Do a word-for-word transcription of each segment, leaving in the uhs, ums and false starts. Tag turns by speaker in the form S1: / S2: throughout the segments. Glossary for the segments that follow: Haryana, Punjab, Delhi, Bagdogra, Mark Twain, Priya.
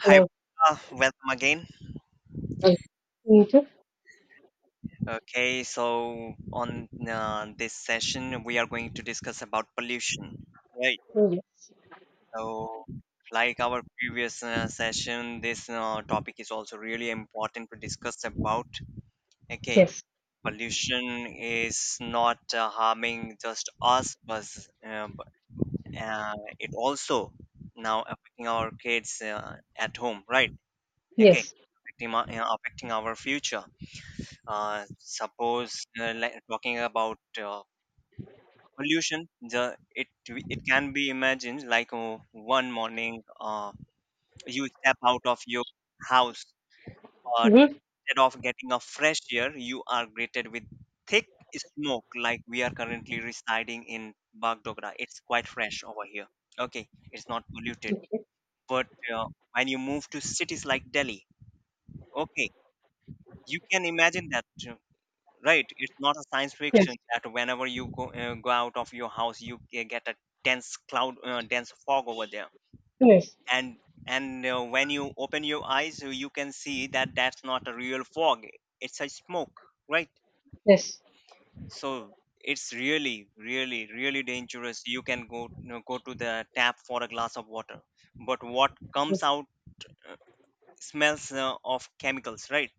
S1: Hi,
S2: Hello.
S1: Priya. Welcome again.
S2: Hello. Me too.
S1: Okay, so on uh, this session, we are going to discuss about pollution, right?
S2: Oh, yes.
S1: So, like our previous uh, session, this uh, topic is also really important to discuss about. Okay,
S2: Yes.
S1: pollution is not uh, harming just us, but uh, b- uh, it also now affecting our kids uh, at home, right? Okay,
S2: Yes.
S1: affecting, our- uh, affecting our future. Uh, suppose uh, like talking about uh, pollution, the it it can be imagined like uh, one morning uh, you step out of your house, but
S2: Mm-hmm.
S1: instead of getting a fresh air, you are greeted with thick smoke. Like we are currently residing in Bagdogra, it's quite fresh over here. Okay, it's not polluted, but uh, when you move to cities like Delhi, okay, you can imagine that uh, right, it's not a science
S2: Yes.
S1: fiction that whenever you go, uh, go out of your house you ge- get a dense cloud uh, dense fog over there.
S2: Yes.
S1: And and uh, when you open your eyes uh, you can see that that's not a real fog, it's a smoke, right?
S2: Yes.
S1: So it's really really really dangerous. You can go, you know, go to the tap for a glass of water, but what
S2: Mhm.
S1: comes out uh, smells uh, of chemicals, right?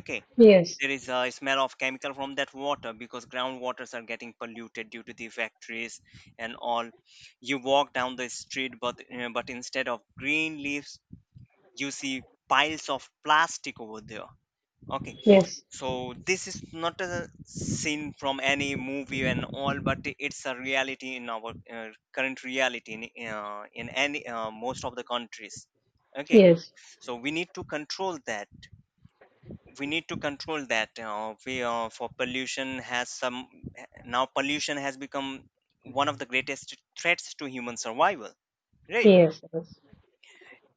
S1: Okay,
S2: Yes.
S1: there is a smell of chemical from that water because groundwaters are getting polluted due to the factories and all. You walk down the street, but uh, but instead of green leaves you see piles of plastic over there. Okay,
S2: Yes. Yes.
S1: so this is not a scene from any movie and all, but it's a reality in our uh, current reality in, uh, in any uh, most of the countries. Okay,
S2: Yes.
S1: so we need to control that. We need to control that uh, we uh, for pollution has some now pollution has become one of the greatest threats to human survival, right?
S2: Yes. Yes.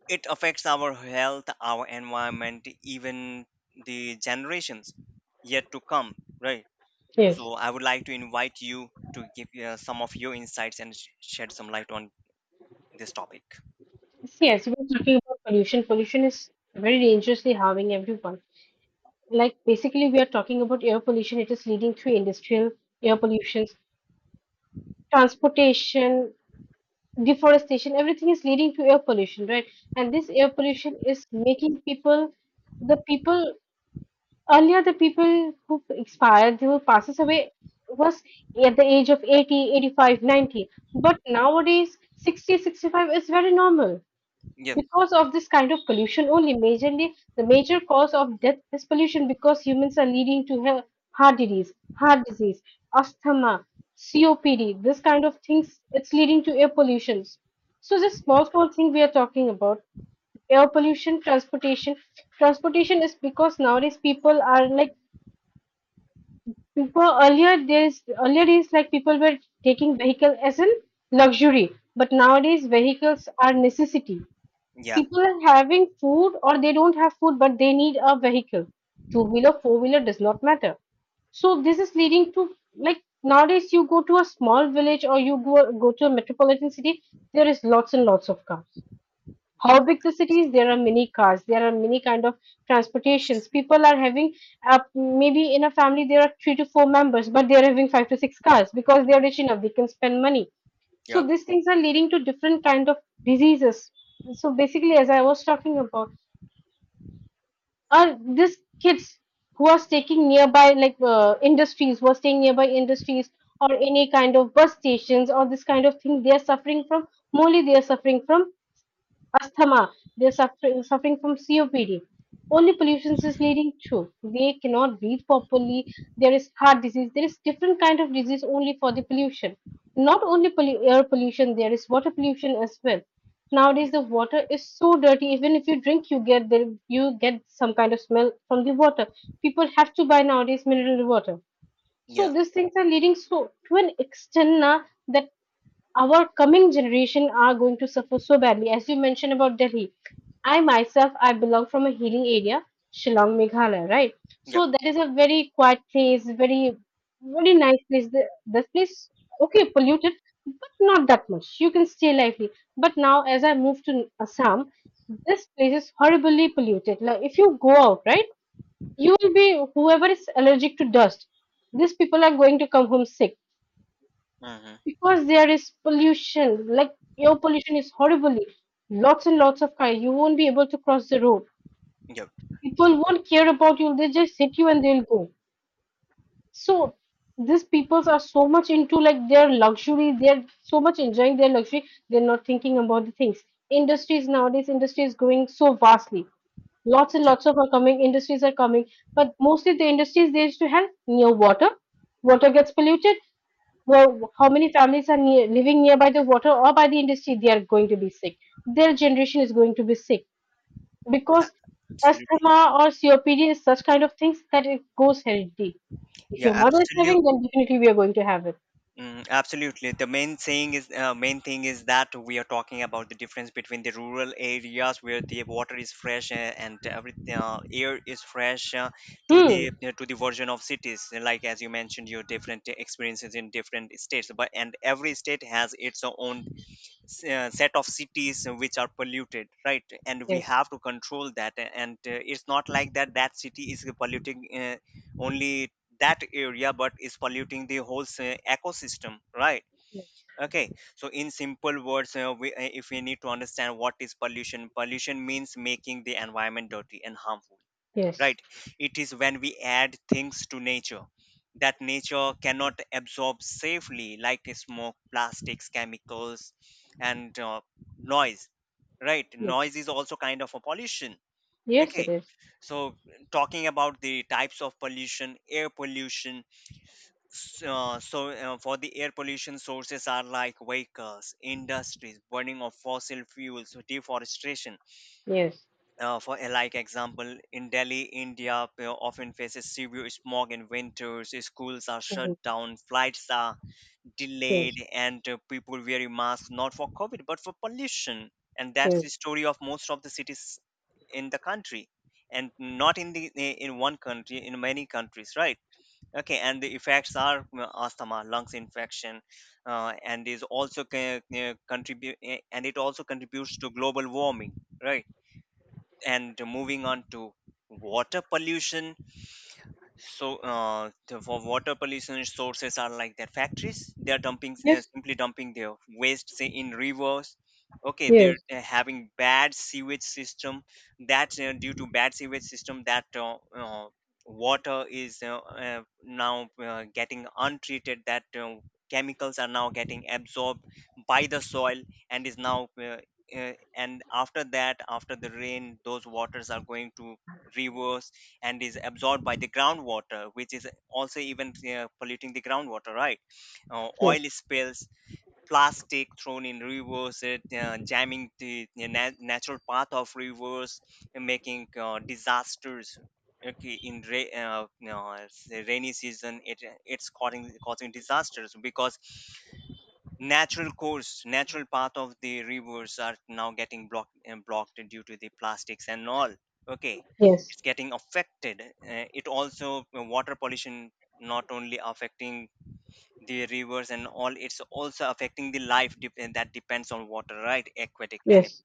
S1: It affects our health, our environment, even the generations yet to come, right?
S2: Yes.
S1: So I would like to invite you to give uh, some of your insights and sh- shed some light on this topic.
S2: Yes. We're talking about pollution. Pollution is very dangerously harming everyone. Like basically, we are talking about air pollution. It is leading through industrial air pollution, transportation, deforestation. Everything is leading to air pollution, right? And this air pollution is making people, the people earlier, the people who expired, they who passes away was at the age of eighty, eighty-five, ninety. But nowadays, sixty, sixty-five is very normal.
S1: Yep.
S2: Because of this kind of pollution only, majorly the major cause of death is pollution because humans are leading to he- heart disease, heart disease, asthma, C O P D, this kind of things. It's leading to air pollution. So this small small thing we are talking about air pollution, transportation transportation is because nowadays people are like people earlier days earlier days like people were taking vehicle as a luxury, but nowadays vehicles are necessity.
S1: Yeah.
S2: People are having food or they don't have food, but they need a vehicle, two wheeler, four wheeler, does not matter. So this is leading to, like nowadays you go to a small village or you go, go to a metropolitan city, there is lots and lots of cars. How big the city is, there are many cars, there are many kind of transportations people are having. Uh, maybe in a family there are three to four members, but they are having five to six cars because they are rich enough, they can spend money. So
S1: Yep.
S2: these things are leading to different kind of diseases. So basically, as I was talking about, are these kids who are taking nearby, like uh, industries, who are staying nearby industries or any kind of bus stations or this kind of thing, they are suffering from, mostly they are suffering from asthma, they're suffering suffering from C O P D. Only pollution is leading to. They cannot breathe properly. There is heart disease. There is different kind of disease only for the pollution. Not only pollu- air pollution, there is water pollution as well.
S1: Yeah.
S2: Nowadays, the water is so dirty. Even if you drink, you get the, you get some kind of smell from the water. People have to buy nowadays mineral water. So
S1: Yep.
S2: these things are leading so to an extent now that our coming generation are going to suffer so badly. As you mentioned about Delhi, I myself, I belong from a healing area, Shillong, Meghalaya, right?
S1: Yeah.
S2: So that is a very quiet place, very, very nice place. The- This place, okay, polluted, but not that much. You can stay lively. But now, as I move to Assam, this place is horribly polluted. Like if you go out, right, you will be, whoever is allergic to dust, these people are going to come home sick
S1: Mm-hmm.
S2: because there is pollution. Like air pollution is horribly, lots and lots of cars. You won't be able to cross the road.
S1: Yep.
S2: People won't care about you. They just hit you and they'll go. So these peoples are so much into like their luxury. They're so much enjoying their luxury. They're not thinking about the things. Industries nowadays, industry is growing so vastly. Lots and
S1: Yeah,
S2: lots of are coming. Industries are coming, but mostly the industries they used to have near water. Water gets polluted. Well, how many families are near, living nearby the water or by the industry, they are going to be sick. Their generation is going to be sick because
S1: absolutely.
S2: asthma or C O P D is such kind of things that it goes heredity. If
S1: Yeah,
S2: your mother is
S1: absolutely.
S2: having, then definitely we are going to have it.
S1: Mm, absolutely. The main thing is uh, main thing is that we are talking about the difference between the rural areas where the water is fresh uh, and every uh, air is fresh uh, to the
S2: Hmm.
S1: uh, to the version of cities. Like as you mentioned, your different experiences in different states, but and every state has its own s- uh, set of cities which are polluted, right? And we
S2: Yes.
S1: have to control that a- and uh, it's not like that that city is polluting uh, only that area, but is polluting the whole s- ecosystem, right?
S2: Yes.
S1: Okay, so in simple words uh, we, uh, if we need to understand what is pollution, pollution means making the environment dirty and harmful,
S2: Yes.
S1: right? It is when we add things to nature that nature cannot absorb safely, like smoke, plastics, chemicals and uh, noise, right?
S2: Yes.
S1: Noise is also kind of a pollution.
S2: Yes. It
S1: Okay,
S2: is.
S1: so talking about the types of pollution, air pollution. s- uh, so uh, for the air pollution sources are like vehicles, industries, burning of fossil fuels, deforestation.
S2: Yes.
S1: Uh, for a like example in Delhi, India, you know, often faces severe smog in winters. Schools are shut
S2: Mhm.
S1: down, flights are
S2: Yes.
S1: delayed and uh, people wearing masks not for COVID but for pollution. And that's the
S2: Yes.
S1: story of most of the cities in the country, and not in the eh, in one country, in many countries, right? Okay, and the effects are you asthma, lungs infection uh, and is also ca- uh, contribute and it also contributes to global warming, right? And moving on to water pollution. So, uh, the, for water pollution sources are like their factories. They are dumping, uh,
S2: Yes.
S1: simply dumping their waste, say, in rivers. Okay, they're
S2: Yes.
S1: uh, having bad sewage system. That uh, due to bad sewage system, that uh, uh, water is uh, uh, now uh, getting untreated. That uh, chemicals are now getting absorbed by the soil and is now. Uh, uh, and after that, after the rain, those waters are going to rivers and is absorbed by the groundwater, which is also even uh, polluting the groundwater, right? Uh, oil
S2: Yes.
S1: spills, plastic thrown in rivers, it, uh, jamming the na- natural path of rivers, and making uh, disasters. Okay, in ra- uh, no, it's the rainy season, it it's causing causing disasters because natural course natural path of the rivers are now getting blocked and blocked due to the plastics and all. Okay,
S2: Yes.
S1: it's getting affected. Uh, it also uh, water pollution not only affecting the rivers and all, it's also affecting the life dep- and that depends on water, right? Aquatic and
S2: Yes. Yes.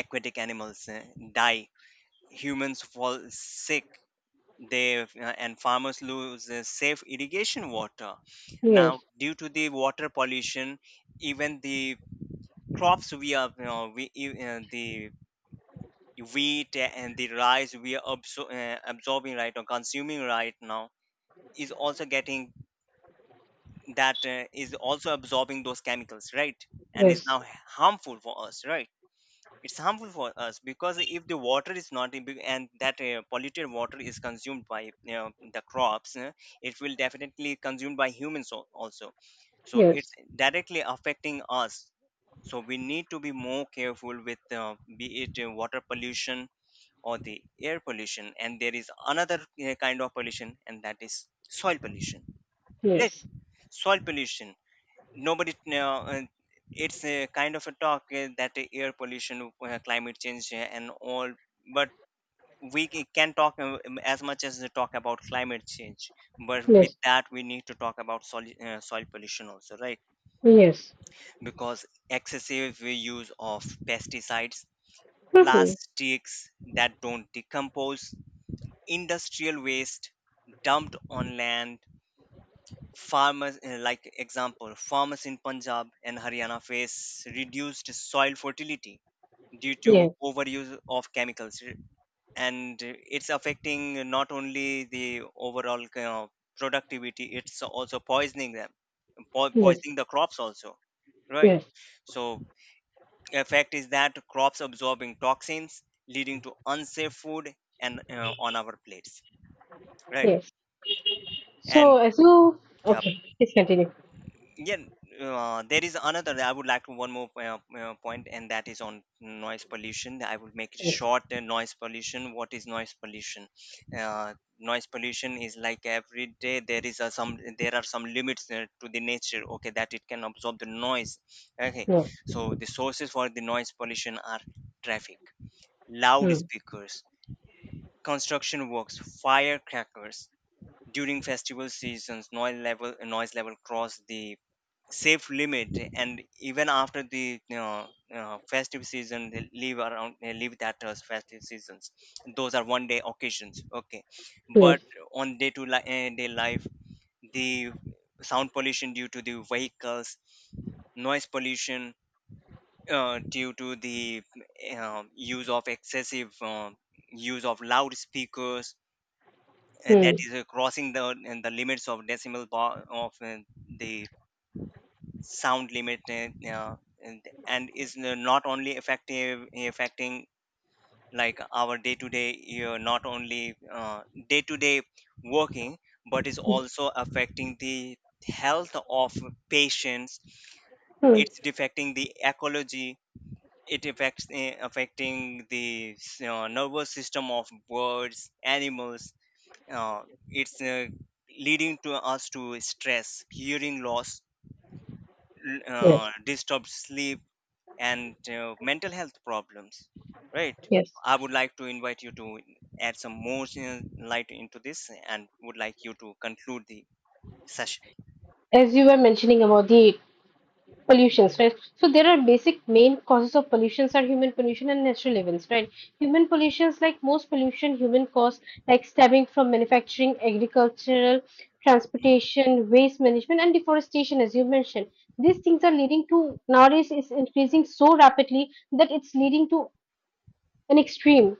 S1: aquatic animals uh, die, humans fall sick, they uh, and farmers lose uh, safe irrigation water now
S2: Yes.
S1: due to the water pollution. Even the crops we are, you know, we you- uh, the wheat and the rice we are absor- uh, absorbing right now, consuming right now is also getting, that uh, is also absorbing those chemicals, right? And is now harmful for us, right? It's harmful for us because if the water is not in big- and that uh, polluted water is consumed by, you know, the crops, uh, it will definitely consumed by humans al- also. So it's
S2: Yes.
S1: directly affecting us. So we need to be more careful with uh, be it uh, water pollution or the air pollution. And there is another uh, kind of pollution, and that is soil pollution, right?
S2: Yes.
S1: Soil pollution, nobody uh, uh, it's a kind of a talk uh, that the air pollution, uh, climate change uh, and all, but we c- can talk uh, um, as much as they talk about climate change, but with
S2: Yes.
S1: that we need to talk about soil, uh, soil pollution also, right?
S2: Yes.
S1: Because excessive use of pesticides,
S2: Mhm.
S1: plastics that don't decompose, industrial waste dumped on land. Farmers, eh, like example, farmers in Punjab and Haryana face reduced soil fertility due to
S2: Yes.
S1: overuse of chemicals, r- and eh, it's affecting not only the overall kind of productivity, it's also poisoning them, po-
S2: Yes.
S1: poisoning the crops also, right?
S2: Yes,
S1: So effect is that crops absorbing toxins, leading to unsafe food and uh, on our plates, right?
S2: yes.
S1: And
S2: So as you,
S1: yeah.
S2: okay, please continue.
S1: Yeah, uh, there is another that I would like to one more uh, uh, point, and that is on noise pollution. I would make it
S2: Yes,
S1: short. uh, Noise pollution. What is noise pollution? Uh, noise pollution is like every day there is a some there are some limits uh, to the nature. Okay, that it can absorb the noise. Okay,
S2: no,
S1: so the sources for the noise pollution are traffic,
S2: hmm,
S1: loudspeakers, construction works, firecrackers. During festival seasons, noise level noise level cross the safe limit. And even after the, you know, you festive season, they leave around, they leave that as festive seasons, those are one day occasions. Okay, but
S2: yes,
S1: on day to li- eh, day life, the sound pollution due to the vehicles, noise pollution uh, due to the uh, use of excessive uh, use of loudspeakers, and that
S2: hmm.
S1: is uh, crossing the and the limits of decimal bar of uh, the sound limit, uh, uh, and, and is n- not only effective affecting like our day to day, not only day to day working, but is also affecting the health of patients.
S2: Hmm.
S1: It's affecting the ecology. It affects uh, affecting the s- uh, nervous system of birds, animals, uh, it's uh, leading to us to stress, hearing loss, l-
S2: Yes,
S1: uh, disturbed sleep and uh, mental health problems, right?
S2: yes.
S1: I would like to invite you to add some more uh, light into this and would like you to conclude the session.
S2: As you were mentioning about the pollutions, right? So there are basic main causes of pollutions are human pollution and natural events, right? Human pollutions, like most pollution, human cause, like stabbing from manufacturing, agricultural,
S1: Mm,
S2: transportation, waste management, and deforestation, as you mentioned. These things are leading to nowadays is increasing so rapidly that it's leading to an extreme,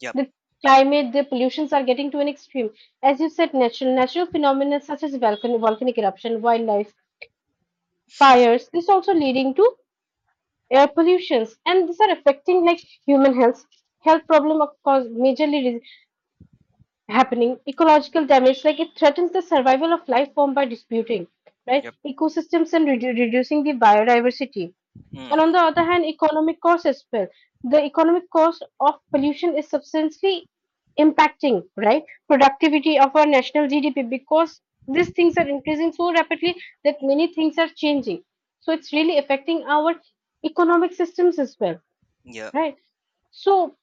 S1: yep.
S2: the climate, the pollutions are getting to an extreme. As you said, natural natural phenomena such as volcan, volcanic eruption, wildlife, fires, this also leading to air pollutions, and these are affecting like human health. Health problem of course majorly re- happening. Ecological damage, like it threatens the survival of life form by disputing, right?
S1: Yep.
S2: Ecosystems and redu- reducing the biodiversity,
S1: Hmm.
S2: and on the other hand, economic cost as well. The economic cost of pollution is substantially impacting, right, productivity of our national G D P because these things are increasing so rapidly that many things are changing. So it's really affecting our economic systems as well,
S1: Yep.
S2: right? So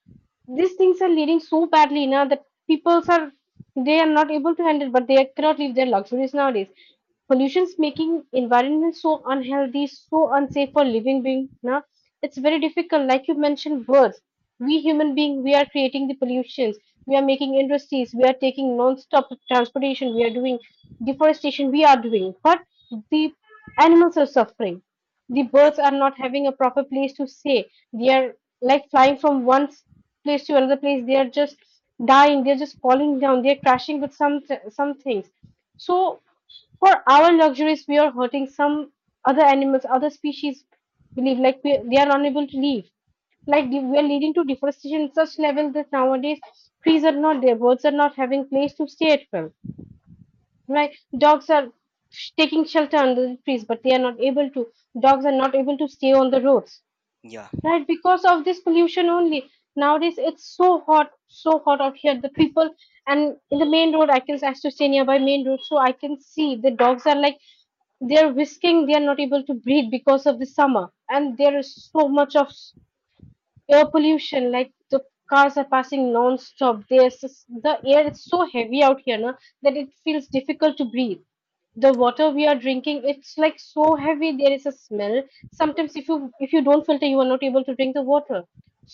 S2: these things are leading so badly now that people are, they are not able to handle, but they cannot live their luxuries nowadays. Pollution's making environment so unhealthy, so unsafe for living being. Now it's very difficult. Like you mentioned, words. We human being, we are creating the pollutions. We are making industries. We are taking non-stop transportation. We are doing deforestation. We are doing, but the animals are suffering, the
S1: Yep.
S2: birds are not having a proper place to stay. They are like flying from one s- place to another place. They are just dying. They're just falling down. They're crashing with some th- some things. So for our luxuries, we are hurting some other animals, other species. Believe like we, they are unable to live like the- we are leading to deforestation at such level that nowadays trees are not there, birds are not having place to stay at well, right? Dogs are sh- taking shelter under the trees, but they are not able to, dogs are not able to stay on the roads,
S1: Yeah.
S2: right? Because of this pollution only, nowadays it's so hot, so hot out here, the people, and in the main road I can actually stay nearby main road, so I can see the dogs are like, they're whisking, they are not able to breathe because of the summer, and there is so much of air pollution. Like the cars are passing non-stop, there's just- the air is so heavy out here now that it feels difficult to breathe. The water we are drinking, it's like so heavy, there is a smell. Sometimes if you, if you don't filter, you are not able to drink the water.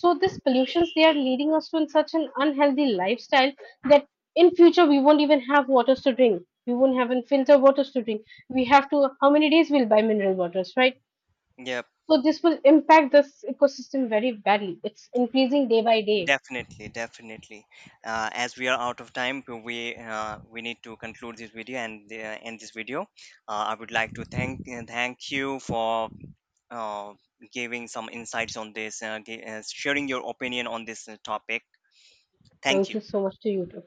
S2: So this pollutions, they are leading us to in such an unhealthy lifestyle that in future we won't even have waters to drink. We won't have filter waters to drink. We have to, how many days we'll buy mineral waters, right?
S1: Yep.
S2: So this will impact this ecosystem very badly. It's increasing day by day.
S1: Definitely, definitely. Uh, as we are out of time, we uh, we need to conclude this video and uh, end this video. Uh, I would like to thank, thank you for uh, giving some insights on this uh, gi- uh, sharing your opinion on this uh, topic. Thank
S2: Thank you
S1: you.
S2: so much to you too.